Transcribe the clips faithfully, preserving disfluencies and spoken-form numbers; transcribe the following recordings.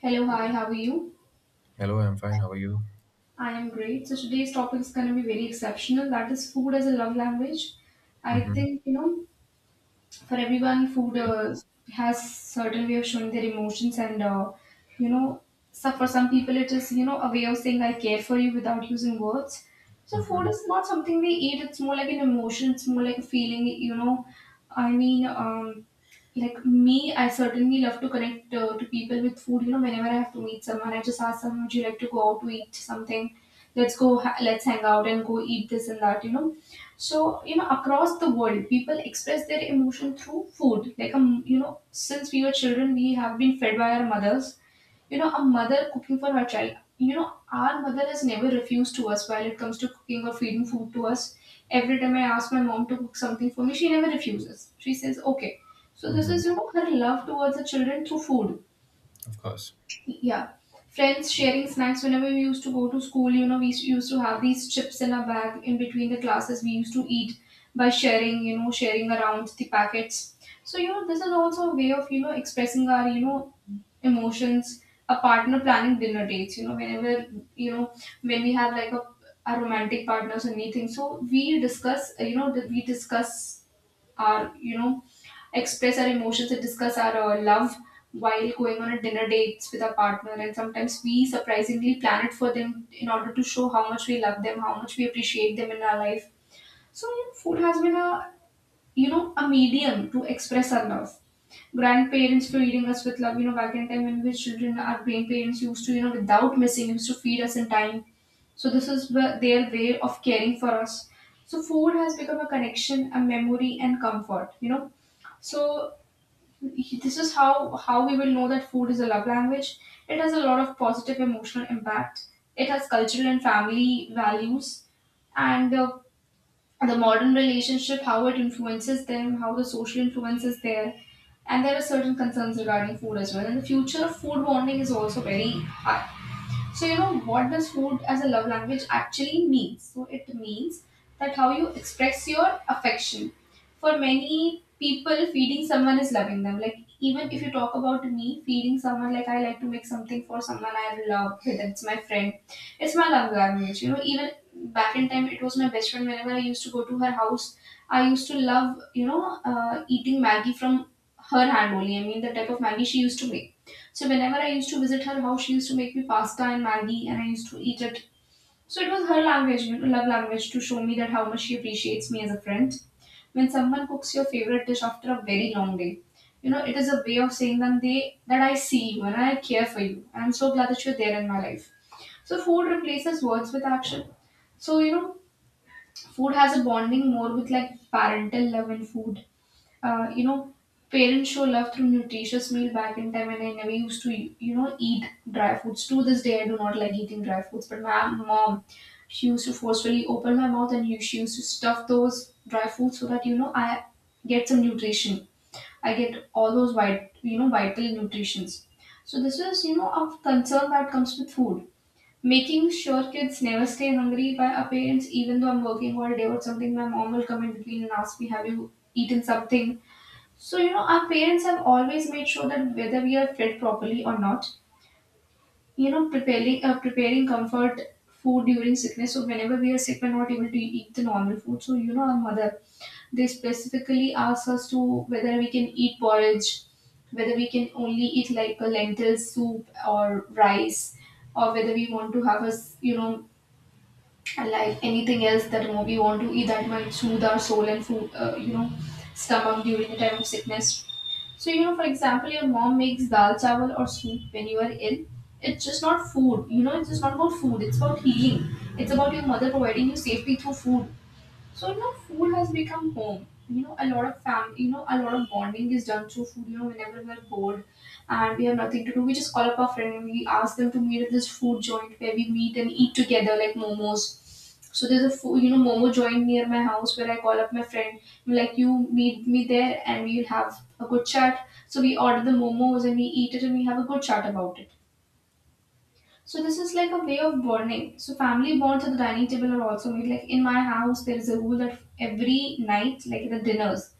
Hello, hi, how are you? Hello, I'm fine. How are you? I am great. So today's topic is going to be very exceptional. That is food as a love language. I Mm-hmm. think, you know, for everyone food Okay. uh, has certain way of showing their emotions and uh, you know so for some people it is, you know, a way of saying I care for you without using words. So food Mm-hmm. is not something we eat, it's more like an emotion, it's more like a feeling, you know. i mean um like me, I certainly love to connect uh, to people with food. You know, whenever I have to meet someone, I just ask them, would you like to go out to eat something? Let's go ha- let's hang out and go eat this and that, you know. So you know across the world people express their emotion through food. Like um, you know, since we were children we have been fed by our mothers. You know, a mother cooking for her child. You know, our mother has never refused to us while it comes to cooking or feeding food to us. Every time I ask my mom to cook something for me, she never refuses, she says okay. So this Mm-hmm. is, you know, her love towards the children through food. Of course. Yeah. Friends sharing snacks, whenever we used to go to school, you know we s- used to have these chips in our bag. In between the classes we used to eat by sharing, you know, sharing around the packets. So you know this is also a way of, you know, expressing our, you know, emotions. A partner planning dinner dates, you know, whenever, you know, when we have like a, a romantic partners or anything, so we discuss uh, you know, that we discuss our, you know, express our emotions and discuss our uh, love while going on a dinner dates with our partner. And sometimes we surprisingly plan it for them in order to show how much we love them, how much we appreciate them in our life. So food has been a, you know, a medium to express our love. Grandparents feeding us with love, you know, back in time when we were children, our grandparents used to, you know, without missing, used to feed us in time. So this is wh- their way of caring for us. So food has become a connection, a memory, and comfort. You know, so this is how how we will know that food is a love language. It has a lot of positive emotional impact. It has cultural and family values, and uh, the modern relationship, how it influences them, how the social influence is there. And there are certain concerns regarding food as well. And the future of food bonding is also very high. So, you know, what does food as a love language actually means? So, it means that how you express your affection. For many people, feeding someone is loving them. Like, even if you talk about me, feeding someone, like, I like to make something for someone I love, whether it's my friend, it's my love language. You know, even back in time, it was my best friend. Whenever I used to go to her house, I used to love, you know, uh, eating Maggie from her hand only. I mean, the type of Maggie she used to make. So whenever I used to visit her house, she used to make me pasta and maggi, and I used to eat it. So it was her language, you know, love language, to show me that how much she appreciates me as a friend. When someone cooks your favorite dish after a very long day, you know, it is a way of saying that they that I see you and I care for you. And I'm so glad that you're there in my life. So food replaces words with action. So you know, food has a bonding more with like parental love and food uh, you know, parents show love through nutritious meal back in time, and I never used to, you know, eat dry foods. To this day, I do not like eating dry foods. But my mom, she used to forcefully open my mouth, and you- she used to stuff those dry foods so that, you know, I get some nutrition. I get all those vit, you know, vital nutritions. So this is, you know, a concern that comes with food. Making sure kids never stay hungry by our parents, even though I'm working all day or something, my mom will come in between and ask me, have you eaten something? So, you know, our parents have always made sure that whether we are fed properly or not, you know, preparing uh, preparing comfort food during sickness. So, whenever we are sick, we're not able to eat the normal food. So, you know, our mother, they specifically ask us to whether we can eat porridge, whether we can only eat like a lentil soup or rice, or whether we want to have us, you know, like anything else that you we want to eat that might soothe our soul and food, uh, you know, stomach during the time of sickness. So, you know, for example, your mom makes dal chawal or soup when you are ill. It's just not food. You know, it's just not about food. It's about healing. It's about your mother providing you safety through food. So you know, food has become home. You know, a lot of fam, you know, a lot of bonding is done through food. You know, whenever we're bored and we have nothing to do, we just call up our friend and we ask them to meet at this food joint where we meet and eat together like momos. So there's a food, you know, momo joint near my house where I call up my friend. I'm like, you meet me there and we'll have a good chat. So we order the momos and we eat it and we have a good chat about it. So this is like a way of bonding. So family bonds at the dining table are also made. Like in my house, there is a rule that every night, like the dinners,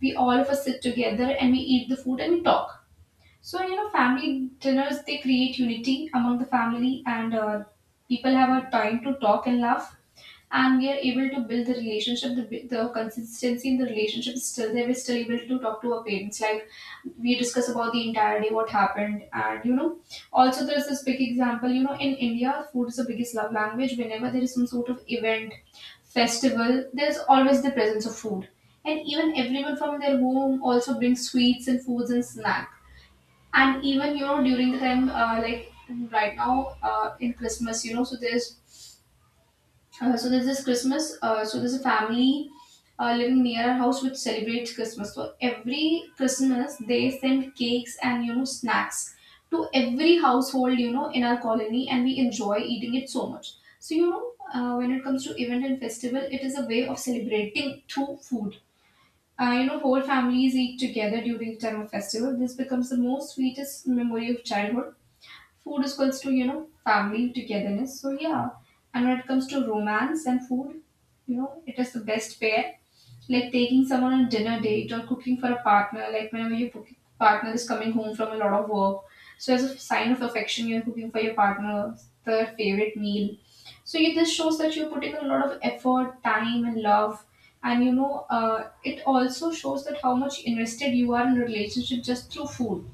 we all of us sit together and we eat the food and we talk. So you know, family dinners they create unity among the family and uh, people have a time to talk and laugh and we are able to build the relationship, the, the consistency in the relationship is still there, we're still able to talk to our parents like we discuss about the entire day what happened and you know. Also there's this big example, you know, in India food is the biggest love language. Whenever there is some sort of event, festival, there's always the presence of food, and even everyone from their home also brings sweets and foods and snack. And even, you know, during the time uh, like right now uh, in Christmas, you know, so there's uh, so there's this Christmas. Uh, so there's a family uh, living near our house which celebrates Christmas. So every Christmas they send cakes and you know snacks to every household, you know, in our colony, and we enjoy eating it so much. So you know uh, when it comes to event and festival, it is a way of celebrating through food. Uh, you know, whole families eat together during the time of festival. This becomes the most sweetest memory of childhood. Food is equals to, you know, family, togetherness. So yeah. And when it comes to romance and food, you know, it is the best pair. Like taking someone on dinner date or cooking for a partner, like whenever your cook- partner is coming home from a lot of work. So as a sign of affection, you're cooking for your partner their favorite meal. So it this shows that you're putting a lot of effort, time, and love. And you know, uh, it also shows that how much invested you are in a relationship just through food.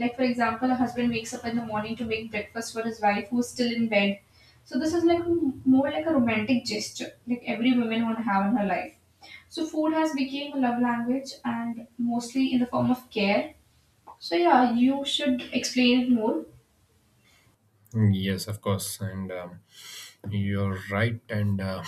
Like, for example, a husband wakes up in the morning to make breakfast for his wife who's still in bed. So, this is like m- more like a romantic gesture, like every woman want to have in her life. So, food has become a love language and mostly in the form of care. So, yeah, you should explain it more. Mm, Yes, of course. And um, You're right. And uh,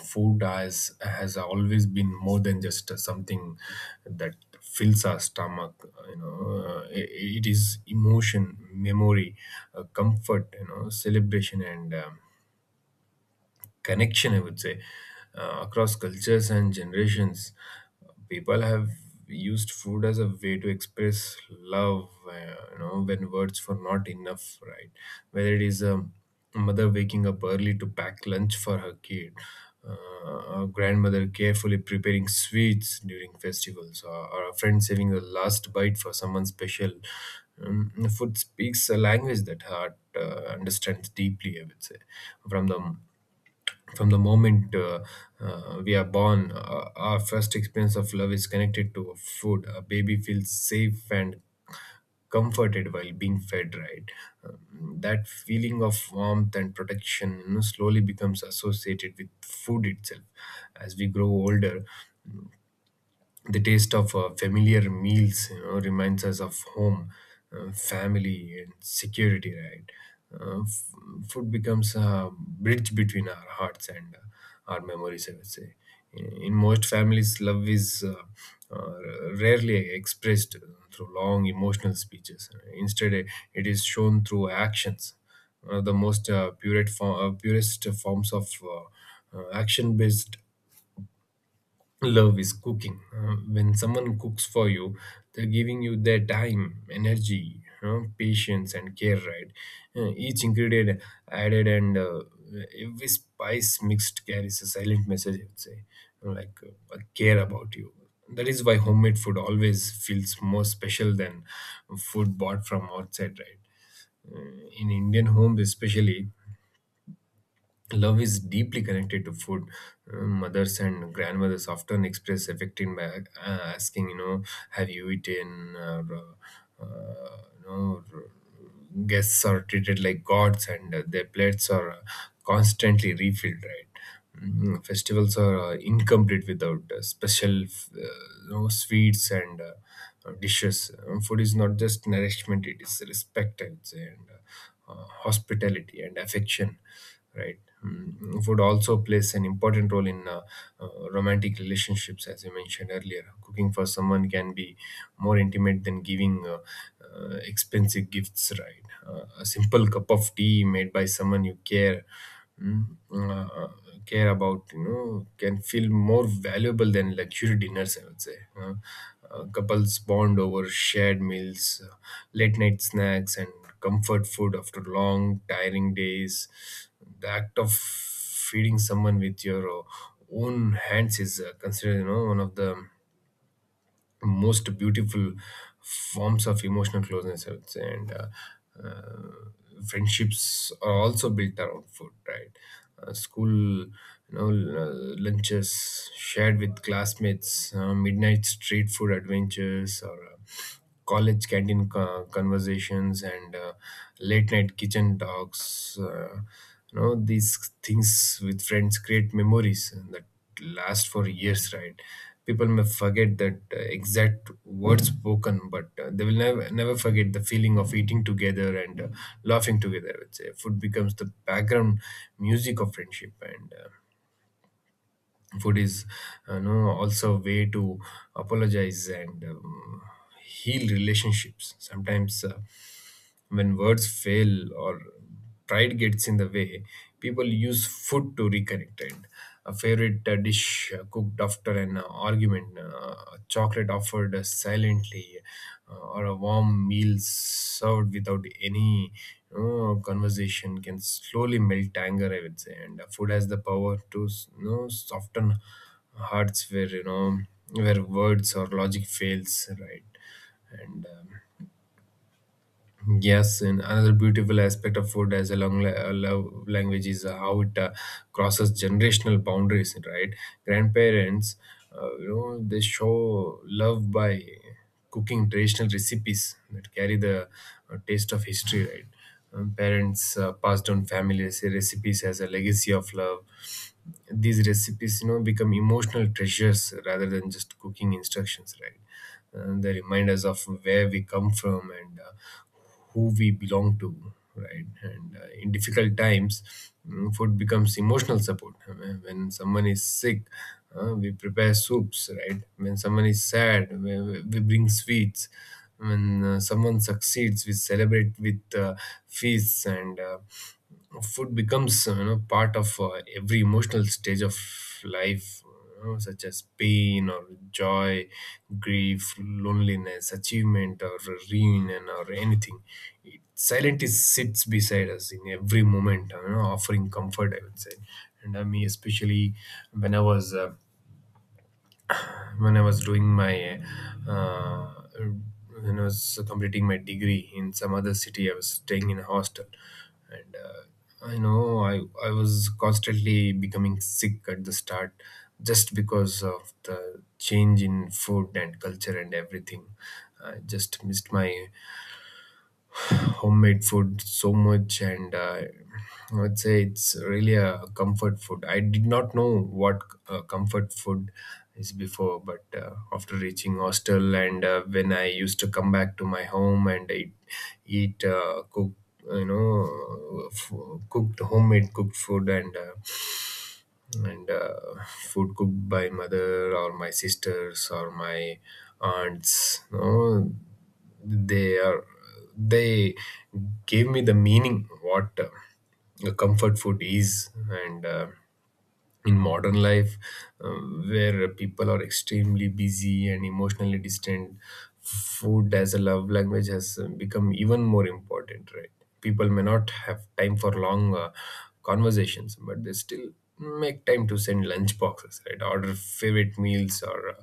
Food has, has always been more than just something that fills our stomach. You know, uh, it, it is emotion, memory, uh, comfort, you know, celebration, and um, connection, I would say, uh, across cultures and generations. People have used food as a way to express love, uh, you know, when words were not enough, right? Whether it is um, a mother waking up early to pack lunch for her kid, uh, a grandmother carefully preparing sweets during festivals, or, or a friend saving the last bite for someone special. Um, food speaks a language that heart uh, understands deeply, I would say, from the from the moment uh, uh, we are born. Uh, our first experience of love is connected to food. A baby feels safe and comforted while being fed, right? Um, that feeling of warmth and protection, you know, slowly becomes associated with food itself. As we grow older, the taste of uh, familiar meals, you know, reminds us of home, uh, family, and security, right? uh, f- Food becomes a bridge between our hearts and uh, our memories, I would say. In, in most families love is uh, uh, rarely expressed through long emotional speeches. Instead it is shown through actions. One of the most uh, purest, form, uh, purest forms of uh, action based love is cooking. Uh, when someone cooks for you, they're giving you their time, energy, uh, patience, and care, right? Uh, each ingredient added, and uh, every spice mixed carries a silent message, I would say, like uh, I care about you. That is why homemade food always feels more special than food bought from outside, right? Uh, in Indian homes, especially, love is deeply connected to food. Uh, mothers and grandmothers often express affection by uh, asking, you know, have you eaten? Or, uh, uh, you know, r- guests are treated like gods and uh, their plates are uh, constantly refilled, right? Mm, Festivals are uh, incomplete without uh, special, uh, you know, sweets and uh, uh, dishes. Um, food is not just nourishment; it is respect, I would say, and uh, uh, hospitality and affection. Right. Mm, food also plays an important role in uh, uh, romantic relationships, as you mentioned earlier. Cooking for someone can be more intimate than giving uh, uh, expensive gifts, right? Uh, a simple cup of tea made by someone you care Mm, uh, uh, care about, you know, can feel more valuable than luxury dinners, I would say. Uh, uh, couples bond over shared meals, uh, late night snacks, and comfort food after long tiring days. The act of feeding someone with your uh, own hands is uh, considered, you know, one of the most beautiful forms of emotional closeness, I would say. And uh, uh, friendships are also built around food, right? Uh, school, you know, l- lunches shared with classmates, uh, midnight street food adventures, or uh, college canteen co- conversations, and uh, late night kitchen talks. Uh, you know, these things with friends create memories that last for years, right? People may forget that uh, exact words spoken, but uh, they will never never forget the feeling of eating together and uh, laughing together. I would say food becomes the background music of friendship and. Uh, food is, you know, also a way to apologize and um, heal relationships sometimes. Uh, when words fail or pride gets in the way, people use food to reconnect. And a favorite uh, dish uh, cooked after an uh, argument, uh, a chocolate offered uh, silently, uh, or a warm meal served without any, you know, conversation can slowly melt anger, I would say. And uh, food has the power to, you know, soften hearts where, you know where words or logic fails, right? And um, Yes, and another beautiful aspect of food as a long la- a love language is how it uh, crosses generational boundaries, right? Grandparents, uh, you know, they show love by cooking traditional recipes that carry the uh, taste of history, right? Um, parents uh, pass down family rec- recipes as a legacy of love. These recipes, you know, become emotional treasures rather than just cooking instructions, right? And they remind us of where we come from and uh, who we belong to, right? and uh, in difficult times, mm, food becomes emotional support. I mean, when someone is sick, uh, we prepare soups, right? When someone is sad, we, we we bring sweets. When uh, someone succeeds, we celebrate with uh, feasts. And uh, food becomes, uh, you know, part of uh, every emotional stage of life, you know, such as pain or joy, grief, loneliness, achievement, or reunion, or anything. It silently sits beside us in every moment, you know, offering comfort, I would say. And I mean, especially when i was uh, when I was doing my uh, when I was completing my degree in some other city, I was staying in a hostel, and uh, I know I I was constantly becoming sick at the start, just because of the change in food and culture and everything. I just missed my homemade food so much, and uh, I would say it's really a comfort food. I did not know what uh, comfort food is before, but uh, after reaching hostel, and uh, when I used to come back to my home and eat, eat uh, cook, you know, uh, f- cooked homemade cooked food, and uh, and uh, food cooked by mother or my sisters or my aunts. No They are, they gave me the meaning what uh, comfort food is. And uh, in modern life, um, where people are extremely busy and emotionally distant, food as a love language has uh, become even more important, right? People may not have time for long uh, conversations, but they still make time to send lunch boxes, right, order favorite meals, or uh,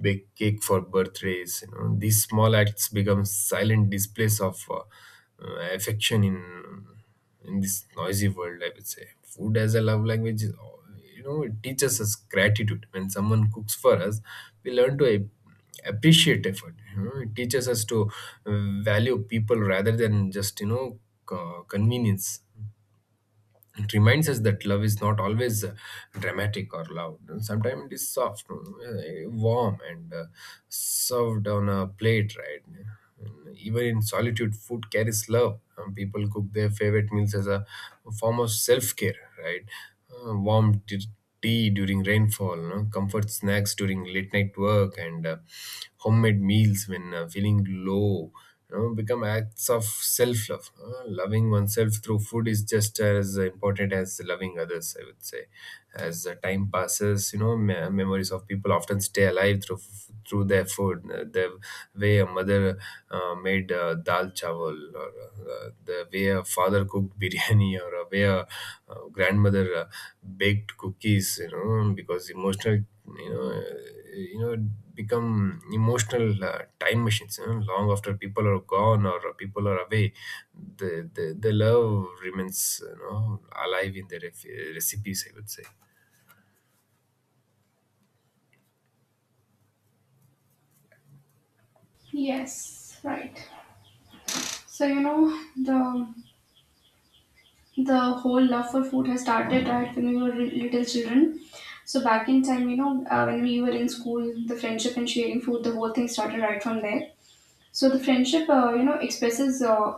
bake cake for birthdays. You know, these small acts become silent displays of uh, uh, affection in in this noisy world, I would say. Food as a love language, is, you know, it teaches us gratitude. When someone cooks for us, we learn to ap- appreciate effort. You know, it teaches us to uh, value people rather than just, you know, co- convenience. It reminds us that love is not always uh, dramatic or loud. Sometimes it is soft, uh, warm, and uh, served on a plate, right? And even in solitude, food carries love. Um, people cook their favorite meals as a form of self care, right? Uh, warm t- tea during rainfall, no? Comfort snacks during late night work, and uh, homemade meals when uh, feeling low, you know, become acts of self love. Loving oneself through food is just as important as loving others, I would say. As the time passes, you know, me- memories of people often stay alive through f- through their food, uh, the way a mother uh, made uh, dal chawal, or uh, the way a father cooked biryani, or a way a uh, grandmother uh, baked cookies, you know, because emotional, you know you know become emotional uh, time machines, you know, long after people are gone or people are away, the the, the love remains, you know, alive in the ref- recipes, I would say. Yes, right. So you know the the whole love for food has started right when we were re- little children. So back in time, you know, uh, when we were in school, the friendship and sharing food, the whole thing started right from there. So the friendship, uh, you know, expresses uh,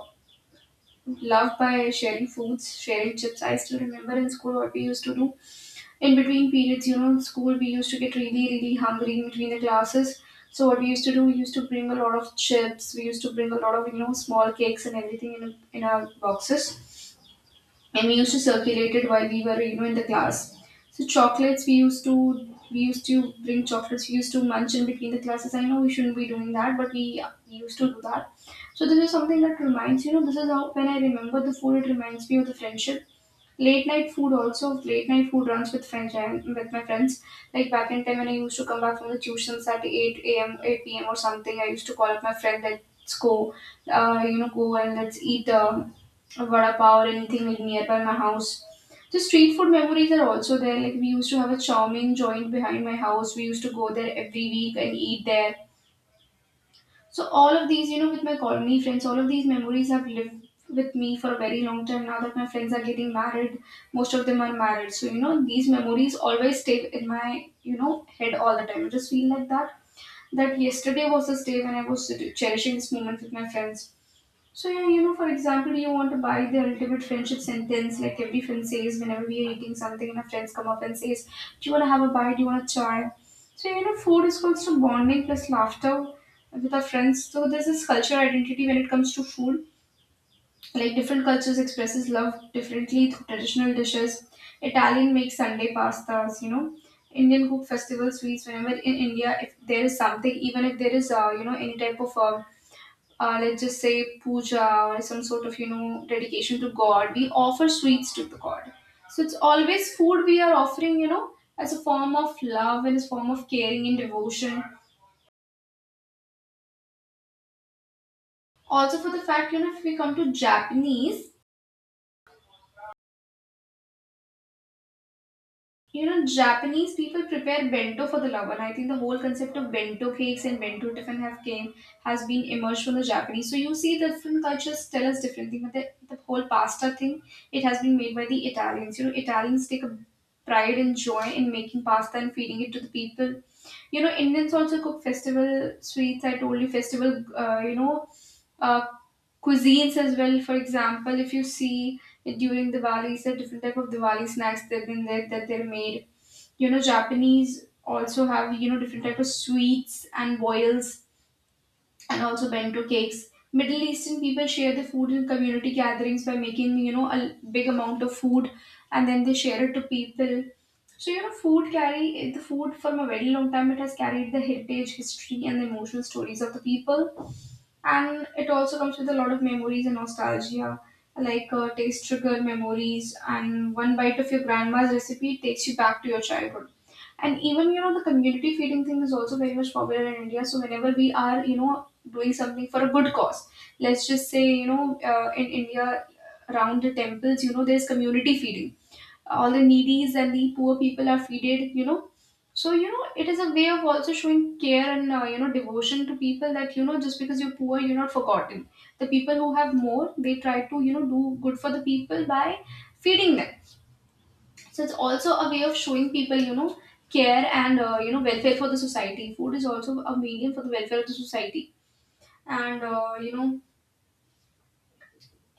love by sharing foods, sharing chips. I still remember in school what we used to do. In between periods, you know, in school we used to get really, really hungry in between the classes. So what we used to do, we used to bring a lot of chips. We used to bring a lot of, you know, small cakes and everything in in our boxes, and we used to circulate it while we were, you know, in the class. So chocolates we used to we used to bring chocolates. We used to munch in between the classes. I know we shouldn't be doing that, but we, we used to do that. So this is something that reminds, you know, this is how when I remember the food, it reminds me of the friendship. Late night food also, late night food runs with friends and with my friends. Like back in time when I used to come back from the tuitions at eight a m, eight p m or something, I used to call up my friend, let's go, uh, you know, go and let's eat uh, a vada pav or anything like nearby my house. The street food memories are also there. Like we used to have a chow mein joint behind my house. We used to go there every week and eat there. So all of these, you know, with my colony friends, all of these memories have lived with me for a very long time. Now that my friends are getting married, most of them are married. So you know, these memories always stay in my, you know, head all the time. I just feel like that. That yesterday was this day when I was cherishing this moment with my friends. So yeah, you know, for example, you want to buy the ultimate friendship sentence. Like every friend says, whenever we are eating something, and our friends come up and says, "Do you want to have a bite? Do you want to try?" So you know, food is constant bonding plus laughter with our friends. So there's this cultural identity when it comes to food. Like different cultures expresses love differently through traditional dishes. Italian makes Sunday pastas. You know. Indian cook festival sweets. Whenever in India, if there is something, even if there is, uh, you know, any type of uh, uh, let's just say puja or some sort of, you know, dedication to god, we offer sweets to the god. So it's always food we are offering, you know, as a form of love and as a form of caring and devotion. Also for the fact, you know, if we come to Japanese. You know, Japanese people prepare bento for the love, and I think the whole concept of bento cakes and bento tiffin have came has been emerged from the Japanese. So you see, the different cultures tell us different things. But the, the whole pasta thing, it has been made by the Italians. You know, Italians take a pride and joy in making pasta and feeding it to the people. You know, Indians also cook festival sweets. I told you festival. Uh, you know, uh, cuisines as well. For example, if you see during Diwali, there are different type of Diwali snacks that have been there that they're made. You know, Japanese also have, you know, different type of sweets and boils, and also bento cakes. Middle Eastern people share the food in community gatherings by making, you know, a big amount of food, and then they share it to people. So you know, food carry the food from a very long time. It has carried the heritage, history and the emotional stories of the people, and it also comes with a lot of memories and nostalgia. Like uh, taste trigger memories, and one bite of your grandma's recipe takes you back to your childhood. And even, you know, the community feeding thing is also very much popular in India. So whenever we are, you know, doing something for a good cause, let's just say, you know, uh, in India, around the temples, you know, there's community feeding. All the needies and the poor people are feeded, you know. So you know, it is a way of also showing care and, uh, you know, devotion to people, that, you know, just because you're poor, you're not forgotten. The people who have more, they try to, you know, do good for the people by feeding them. So it's also a way of showing people, you know, care and, uh, you know, welfare for the society. Food is also a medium for the welfare of the society. And uh, you know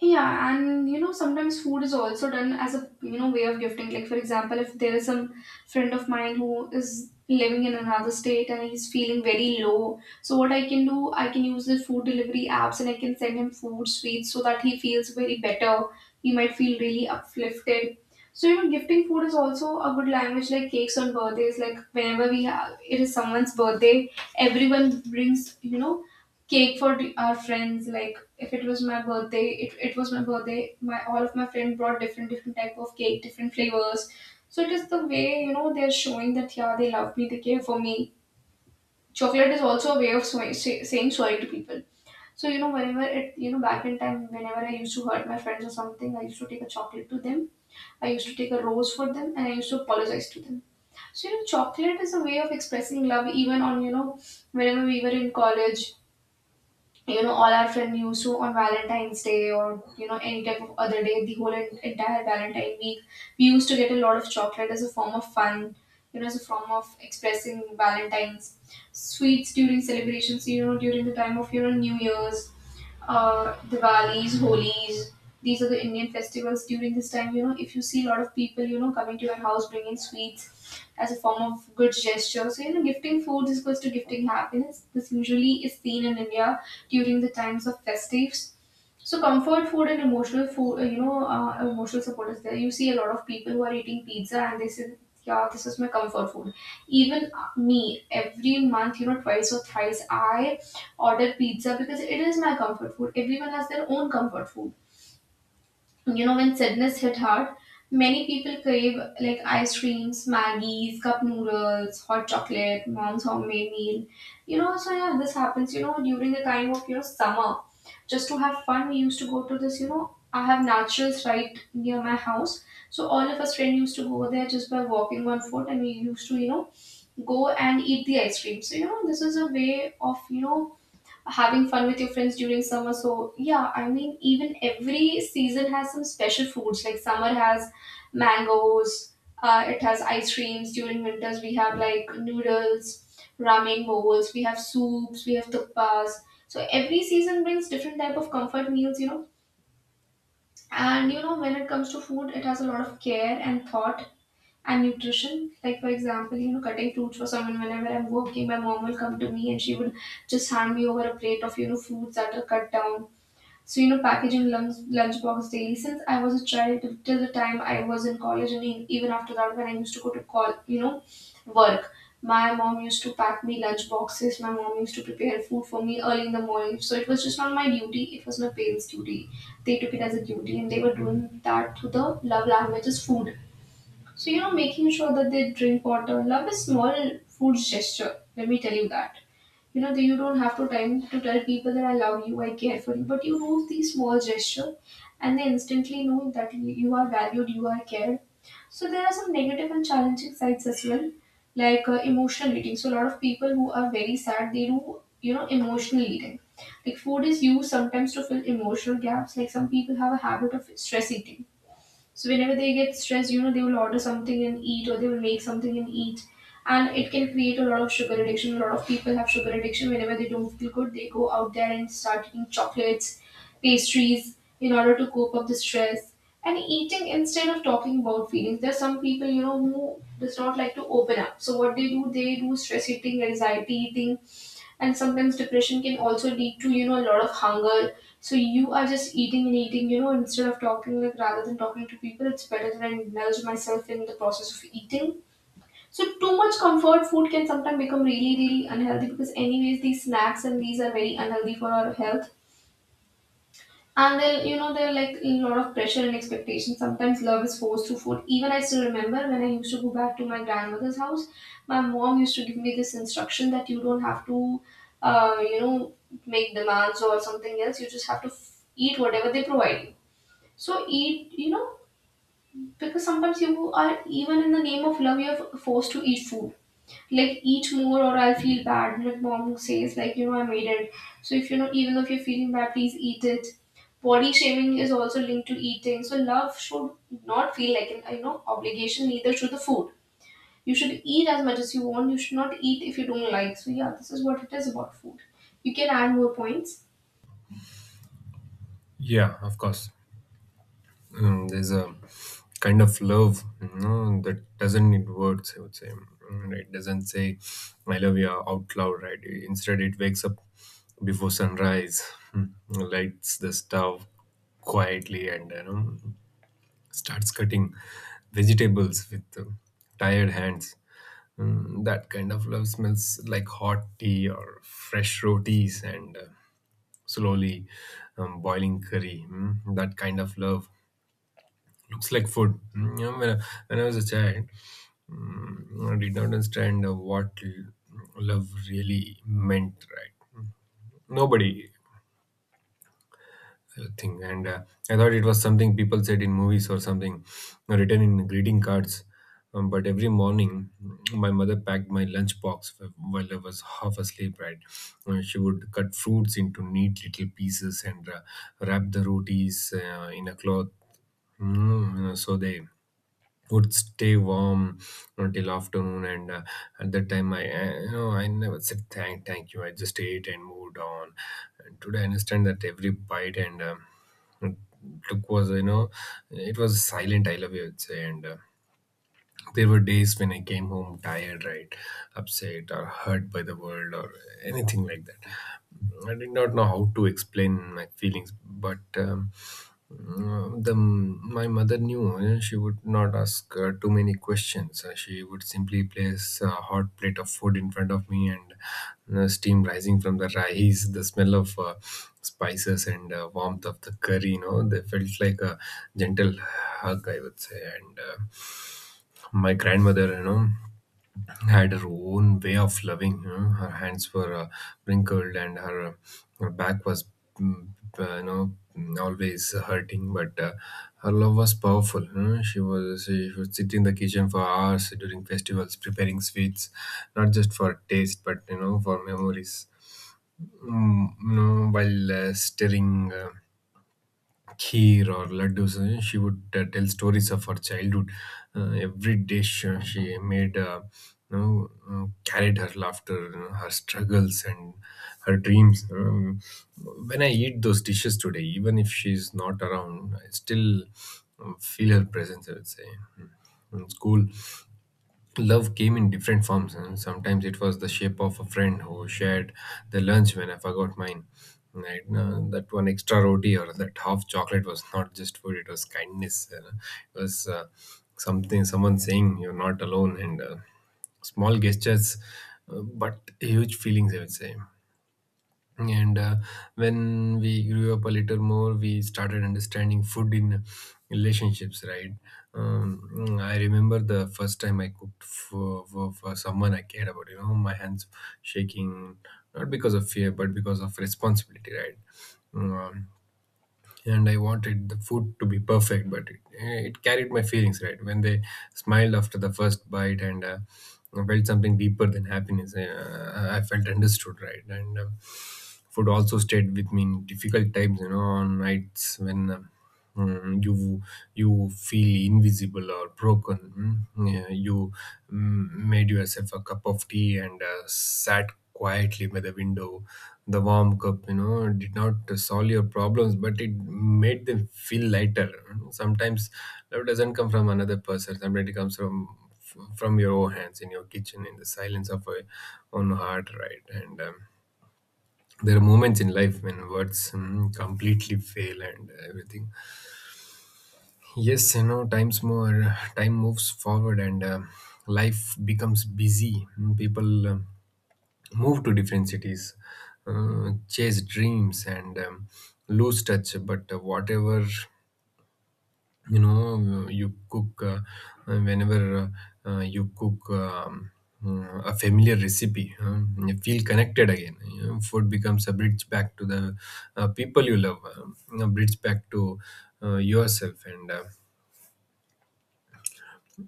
Yeah, and you know, sometimes food is also done as a, you know, way of gifting. Like for example, if there is some friend of mine who is living in another state and he's feeling very low, so what I can do, I can use the food delivery apps and I can send him food, sweets, so that he feels very better. He might feel really uplifted. So you know, gifting food is also a good language, like cakes on birthdays. Like whenever we have, it is someone's birthday, everyone brings, you know, cake for d- our friends. Like if it was my birthday, it, it was my birthday, my all of my friends brought different different type of cake, different flavors. So it is the way, you know, they're showing that yeah, they love me, they care for me. Chocolate is also a way of swa- say, saying sorry to people. So you know, whenever it, you know, back in time, whenever I used to hurt my friends or something, I used to take a chocolate to them. I used to take a rose for them and I used to apologize to them. So you know, chocolate is a way of expressing love even on, you know, whenever we were in college, you know, all our friend used to, on Valentine's Day or, you know, any type of other day, the whole en- entire Valentine week, we used to get a lot of chocolate as a form of fun, you know, as a form of expressing Valentines. Sweets during celebrations, you know, during the time of, you know, New Year's, uh, Diwalis, Holis. These are the Indian festivals during this time. You know, if you see a lot of people, you know, coming to your house bringing sweets as a form of good gesture. So, you know, gifting food is goes to gifting happiness. This usually is seen in India during the times of festives. So comfort food and emotional food, uh, you know, uh, emotional support is there. You see a lot of people who are eating pizza and they say, "Yeah, this is my comfort food." Even uh, me, every month, you know, twice or thrice, I order pizza because it is my comfort food. Everyone has their own comfort food, you know, when sadness hit hard, many people crave like ice creams, Maggies, cup noodles, hot chocolate, mom's homemade meal. You know, so yeah, this happens, you know, during the time of, you know, summer. Just to have fun, we used to go to this, you know, I have naturals right near my house. So all of us friends used to go there just by walking on foot and we used to, you know, go and eat the ice cream. So, you know, this is a way of, you know, having fun with your friends during summer. So yeah, I mean even every season has some special foods. Like summer has mangoes, uh, it has ice creams. During winters we have like noodles, ramen bowls, we have soups, we have thuppas. So every season brings different type of comfort meals, you know. And you know when it comes to food, it has a lot of care and thought and nutrition. Like for example, you know, cutting fruits for someone, whenever I'm working, my mom will come to me and she would just hand me over a plate of, you know, fruits that are cut down. So you know, packaging lunch, lunchbox daily, since I was a child till till the time I was in college and e- even after that, when I used to go to call you know work, my mom used to pack me lunch boxes. My mom used to prepare food for me early in the morning. So it was just not my duty, it was my parents duty. They took it as a duty and they were doing that through the love language is food. So, you know, making sure that they drink water. Love is small food gesture. Let me tell you that. You know, that you don't have to time to tell people that I love you, I care for you. But you do these small gesture and they instantly know that you you are valued, you are cared. So there are some negative and challenging sides as well, like uh, emotional eating. So a lot of people who are very sad, they do you know emotional eating. Like food is used sometimes to fill emotional gaps. Like some people have a habit of stress eating, so whenever they get stressed, you know, they will order something and eat, or they will make something and eat, and it can create a lot of sugar addiction. A lot of people have sugar addiction. Whenever they don't feel good, they go out there and start eating chocolates, pastries in order to cope up the stress. And eating instead of talking about feelings. There's some people, you know, who does not like to open up. So what they do, they do stress eating, anxiety eating, and sometimes depression can also lead to you know a lot of hunger, so you are just eating and eating, you know instead of talking. Like rather than talking to people, it's better that I indulge myself in the process of eating. So too much comfort food can sometimes become really really unhealthy, because anyways these snacks and these are very unhealthy for our health. And then, you know, there are like a lot of pressure and expectation. Sometimes love is forced through food. Even I still remember when I used to go back to my grandmother's house, my mom used to give me this instruction that you don't have to, uh, you know, make demands or something else. You just have to f- eat whatever they provide you. So eat, you know, because sometimes you are, even in the name of love, you're forced to eat food, like eat more or I'll feel bad. Like mom says, like, you know, I made it. So if you know even if you're feeling bad, please eat it. Body shaming is also linked to eating. So love should not feel like an, you know obligation, neither should the food. You should eat as much as you want. You should not eat if you don't like. So yeah, this is what it is about food. You can add more points. Yeah, of course. Mm, there's a kind of love, you know, that doesn't need words, I would say. Mm, it doesn't say I love you out loud, right? Instead it wakes up before sunrise, mm, lights the stove quietly, and, you know, starts cutting vegetables with uh, tired hands. Mm, that kind of love smells like hot tea or fresh rotis and uh, slowly um, boiling curry. Mm, that kind of love looks like food. Mm, you know, when, I, when I was a child, mm, I did not understand uh, what l- love really meant, right? Nobody uh, thing and uh, I thought it was something people said in movies or something uh, written in greeting cards. Um, but every morning my mother packed my lunch box while I was half asleep, right? Uh, she would cut fruits into neat little pieces and uh, wrap the rotis uh, in a cloth, mm, so they would stay warm until afternoon, and uh, at that time I uh, you know, I never said thank thank you. I just ate and moved on. And today I understand that every bite and um, took was, you know, it was silent I love you, I'd say. And uh, there were days when I came home tired, right, upset or hurt by the world or anything like that. I did not know how to explain my feelings, but um, Mm, the my mother knew. Uh, she would not ask uh, too many questions. Uh, she would simply place a hot plate of food in front of me, and uh, steam rising from the rice, the smell of uh, spices, and uh, warmth of the curry. You know, they felt like a gentle hug, I would say, and. Uh, my grandmother you know had her own way of loving. You know her hands were uh, wrinkled, and her her back was mm, uh, you know always hurting, but uh, her love was powerful. you know? she was she would sit in the kitchen for hours during festivals preparing sweets, not just for taste but you know for memories, mm, you know while uh, stirring uh, kheer or laddus. uh, She would uh, tell stories of her childhood. Uh, every dish uh, she made uh, you know, uh, carried her laughter, uh, her struggles, and her dreams. Um, when I eat those dishes today, even if she's not around, I still uh, feel her presence, I would say. Mm. In school, love came in different forms, and sometimes it was the shape of a friend who shared the lunch when I forgot mine. Right? Uh, that one extra roti or that half chocolate was not just food; it was kindness. Uh, it was uh, something someone saying you're not alone, and uh, small gestures, uh, but huge feelings, I would say. And uh, When we grew up a little more, we started understanding food in relationships, right? um, I remember the first time I cooked for, for, for someone I cared about. You know my hands shaking, not because of fear but because of responsibility, right? um, and I wanted the food to be perfect, but it, eh, it carried my feelings. Right? When they smiled after the first bite, and uh, I felt something deeper than happiness. eh, Uh, I felt understood, right? And um, food also stayed with me in difficult times, you know, on nights when. Um, Mm, you you feel invisible or broken. mm. Yeah, you mm, made yourself a cup of tea and uh, sat quietly by the window. The warm cup, you know did not solve your problems, but it made them feel lighter. Sometimes love doesn't come from another person; sometimes it comes from from your own hands, in your kitchen, in the silence of your own heart, right? And um, there are moments in life when words mm, completely fail, and everything. Yes, you know, times more time moves forward, and uh, life becomes busy. Mm, People um move to different cities, uh, chase dreams, and um, lose touch. But uh, whatever you know, you cook uh, whenever uh, uh, you cook Um, uh, a familiar recipe, uh, you feel connected again. You know, food becomes a bridge back to the uh, people you love, um, a bridge back to uh, yourself, and uh,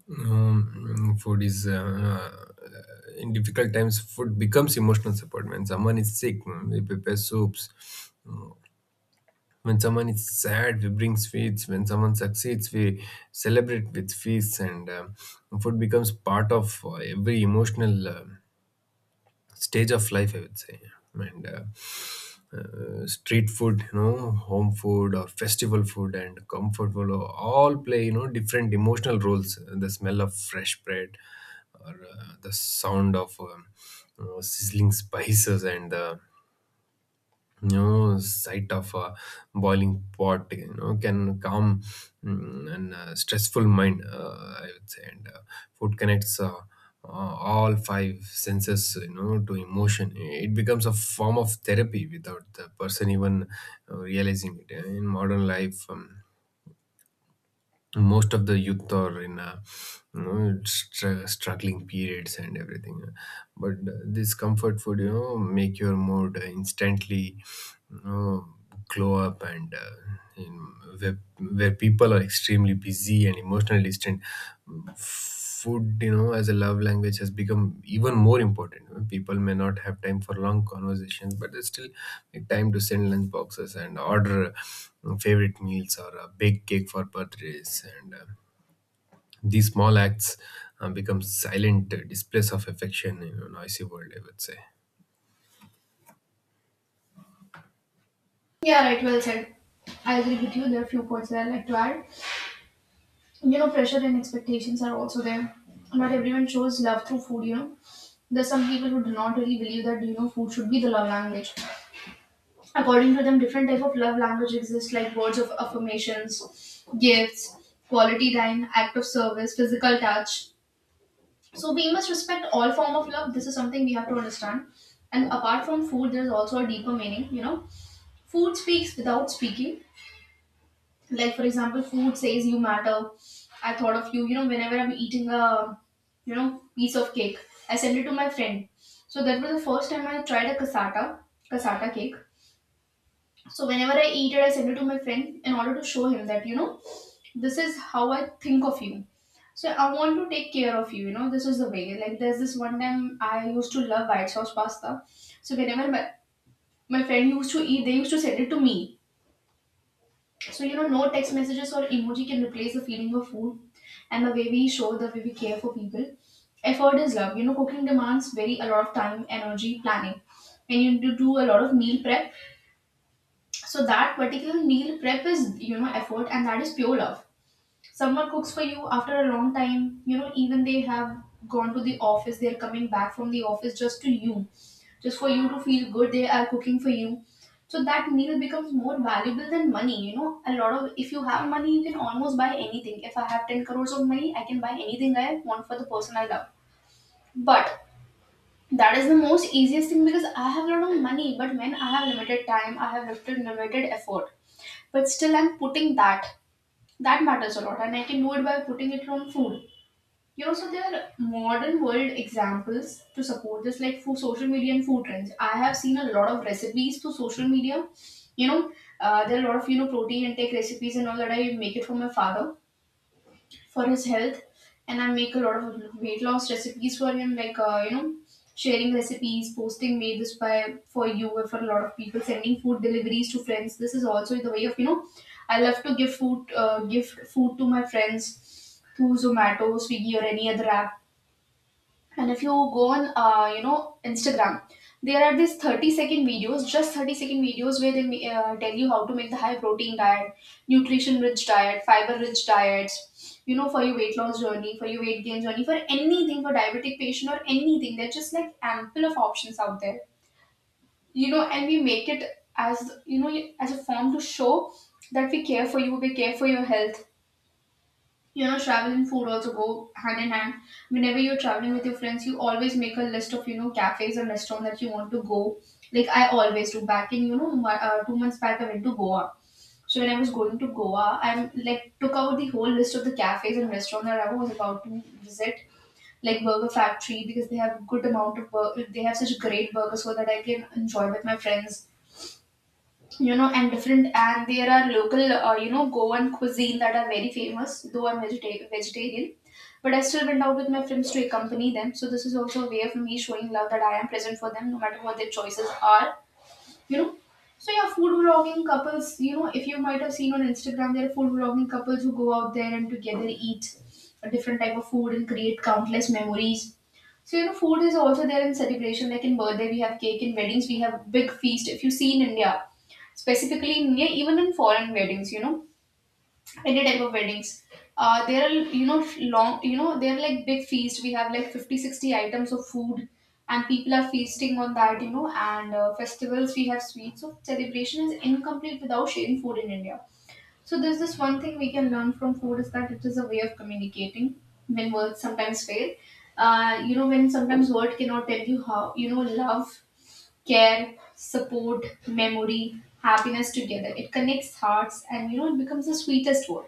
Um, food is uh, uh, in difficult times, food becomes emotional support. When someone is sick, we prepare soups. When someone is sad, we bring sweets. When someone succeeds, we celebrate with feasts. And um food becomes part of uh, every emotional um stage of life, I would say. And uh, uh, Street food, you know home food or festival food, and comfort food all play you know different emotional roles. The smell of fresh bread or uh, the sound of um, you know, sizzling spices, and the you know sight of a boiling pot, you know can calm mm, and uh, stressful mind, uh, I would say. And uh, Food connects uh, uh, all five senses, you know to emotion. It becomes a form of therapy without the person even uh, realizing it. In modern life, um, most of the youth are in a you know, str- struggling periods and everything. But uh, this comfort food, you know make your mood instantly, you know glow up. And uh, in, where, where people are extremely busy and emotional distant, food, you know as a love language, has become even more important. People may not have time for long conversations, but they still make time to send lunch boxes and order uh, favorite meals or a big cake for birthdays. And uh, these small acts uh, become silent uh, displays of affection in a noisy world, I would say. Yeah, right. Well said. I agree with you. There are a few points that I'd like to add. You know, pressure and expectations are also there. Not everyone shows love through food, you know. There's some people who do not really believe that, you know, food should be the love language. According to them, different type of love language exists, like words of affirmations, gifts, quality time, act of service, physical touch. So we must respect all form of love. This is something we have to understand. And apart from food, there's also a deeper meaning, you know. Food speaks without speaking. Like for example, food says you matter. I thought of you. You know, whenever I'm eating a, you know, piece of cake, I send it to my friend. So that was the first time I tried a cassata, cassata cake. So whenever I eat it, I send it to my friend in order to show him that, you know, this is how I think of you. So I want to take care of you. You know, this is the way. Like there's this one time I used to love white sauce pasta, so whenever my, my friend used to eat, they used to send it to me. So, you know, no text messages or emoji can replace the feeling of food and the way we show, the way we care for people. Effort is love. You know, cooking demands very a lot of time, energy, planning, and you do do a lot of meal prep. So that particular meal prep is, you know, effort, and that is pure love. Someone cooks for you after a long time, you know, even they have gone to the office, they're coming back from the office, just to you, just for you to feel good, they are cooking for you. So that meal becomes more valuable than money. You know, a lot of, if you have money you can almost buy anything. If I have ten crores of money, I can buy anything I want for the person I love. But that is the most easiest thing, because I have a lot of money. But when I have limited time, I have limited limited effort, but still I'm putting that. That matters a lot, and I can do it by putting it on food. You know, so there are modern world examples to support this, like for social media and food trends. I have seen a lot of recipes through social media. You know, uh, there are a lot of, you know, protein intake recipes and all that. I make it for my father for his health, and I make a lot of weight loss recipes for him. Like uh, you know, sharing recipes, posting made this by for you or for a lot of people, sending food deliveries to friends. This is also the way of, you know. I love to give food, uh, gift food to my friends through Zomato, Swiggy, or any other app. And if you go on, uh, you know, Instagram, there are these thirty second videos, just thirty second videos where they ma- uh, tell you how to make the high protein diet, nutrition rich diet, fiber rich diets, you know, for your weight loss journey, for your weight gain journey, for anything, for diabetic patient or anything. There's just like ample of options out there, you know, and we make it as, you know, as a form to show that we care for you, we care for your health. You know, travel and food also go hand in hand. Whenever you're traveling with your friends, you always make a list of, you know, cafes and restaurant that you want to go. Like I always do. Back in, you know, mo- uh, two months back, I went to Goa. So when I was going to Goa, I like took out the whole list of the cafes and restaurants that I was about to visit, like Burger Factory, because they have good amount of bur- they have such great burgers, so that I can enjoy with my friends. You know, and different, and there are local, uh, you know, Goan cuisine that are very famous. Though I'm vegeta- vegetarian, but I still went out with my friends to accompany them. So this is also a way of me showing love, that I am present for them no matter what their choices are, you know. So yeah, food vlogging couples, you know, if you might have seen on Instagram, there are food vlogging couples who go out there and together eat a different type of food and create countless memories. So you know, food is also there in celebration. Like in birthday, we have cake. In weddings, we have big feast. If you see in India, specifically in India, even in foreign weddings, you know, any type of weddings, uh, there are, you know, long, you know, there are like big feast. We have like fifty, sixty items of food, and people are feasting on that. You know, and uh, festivals we have sweets. So celebration is incomplete without sharing food in India. So there's this one thing we can learn from food, is that it is a way of communicating when words sometimes fail. Uh, you know, when sometimes word cannot tell you how, you know, love, care, support, memory, happiness together. It connects hearts, and you know, it becomes the sweetest word.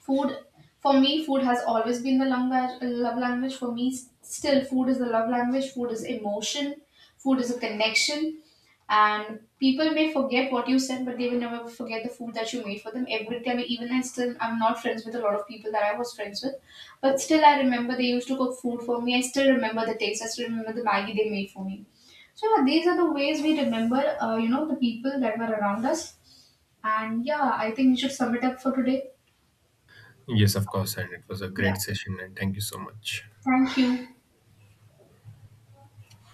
Food, for me, food has always been the language, love language. For me, s- still, food is the love language. Food is emotion. Food is a connection. And people may forget what you said, but they will never forget the food that you made for them. Every time, even I still, I'm not friends with a lot of people that I was friends with, but still, I remember they used to cook food for me. I still remember the taste. I still remember the Maggie they made for me. So yeah, these are the ways we remember, uh, you know, the people that were around us. And yeah, I think we should sum it up for today. Yes, of course, and it was a Yeah. great session, and thank you so much. Thank you.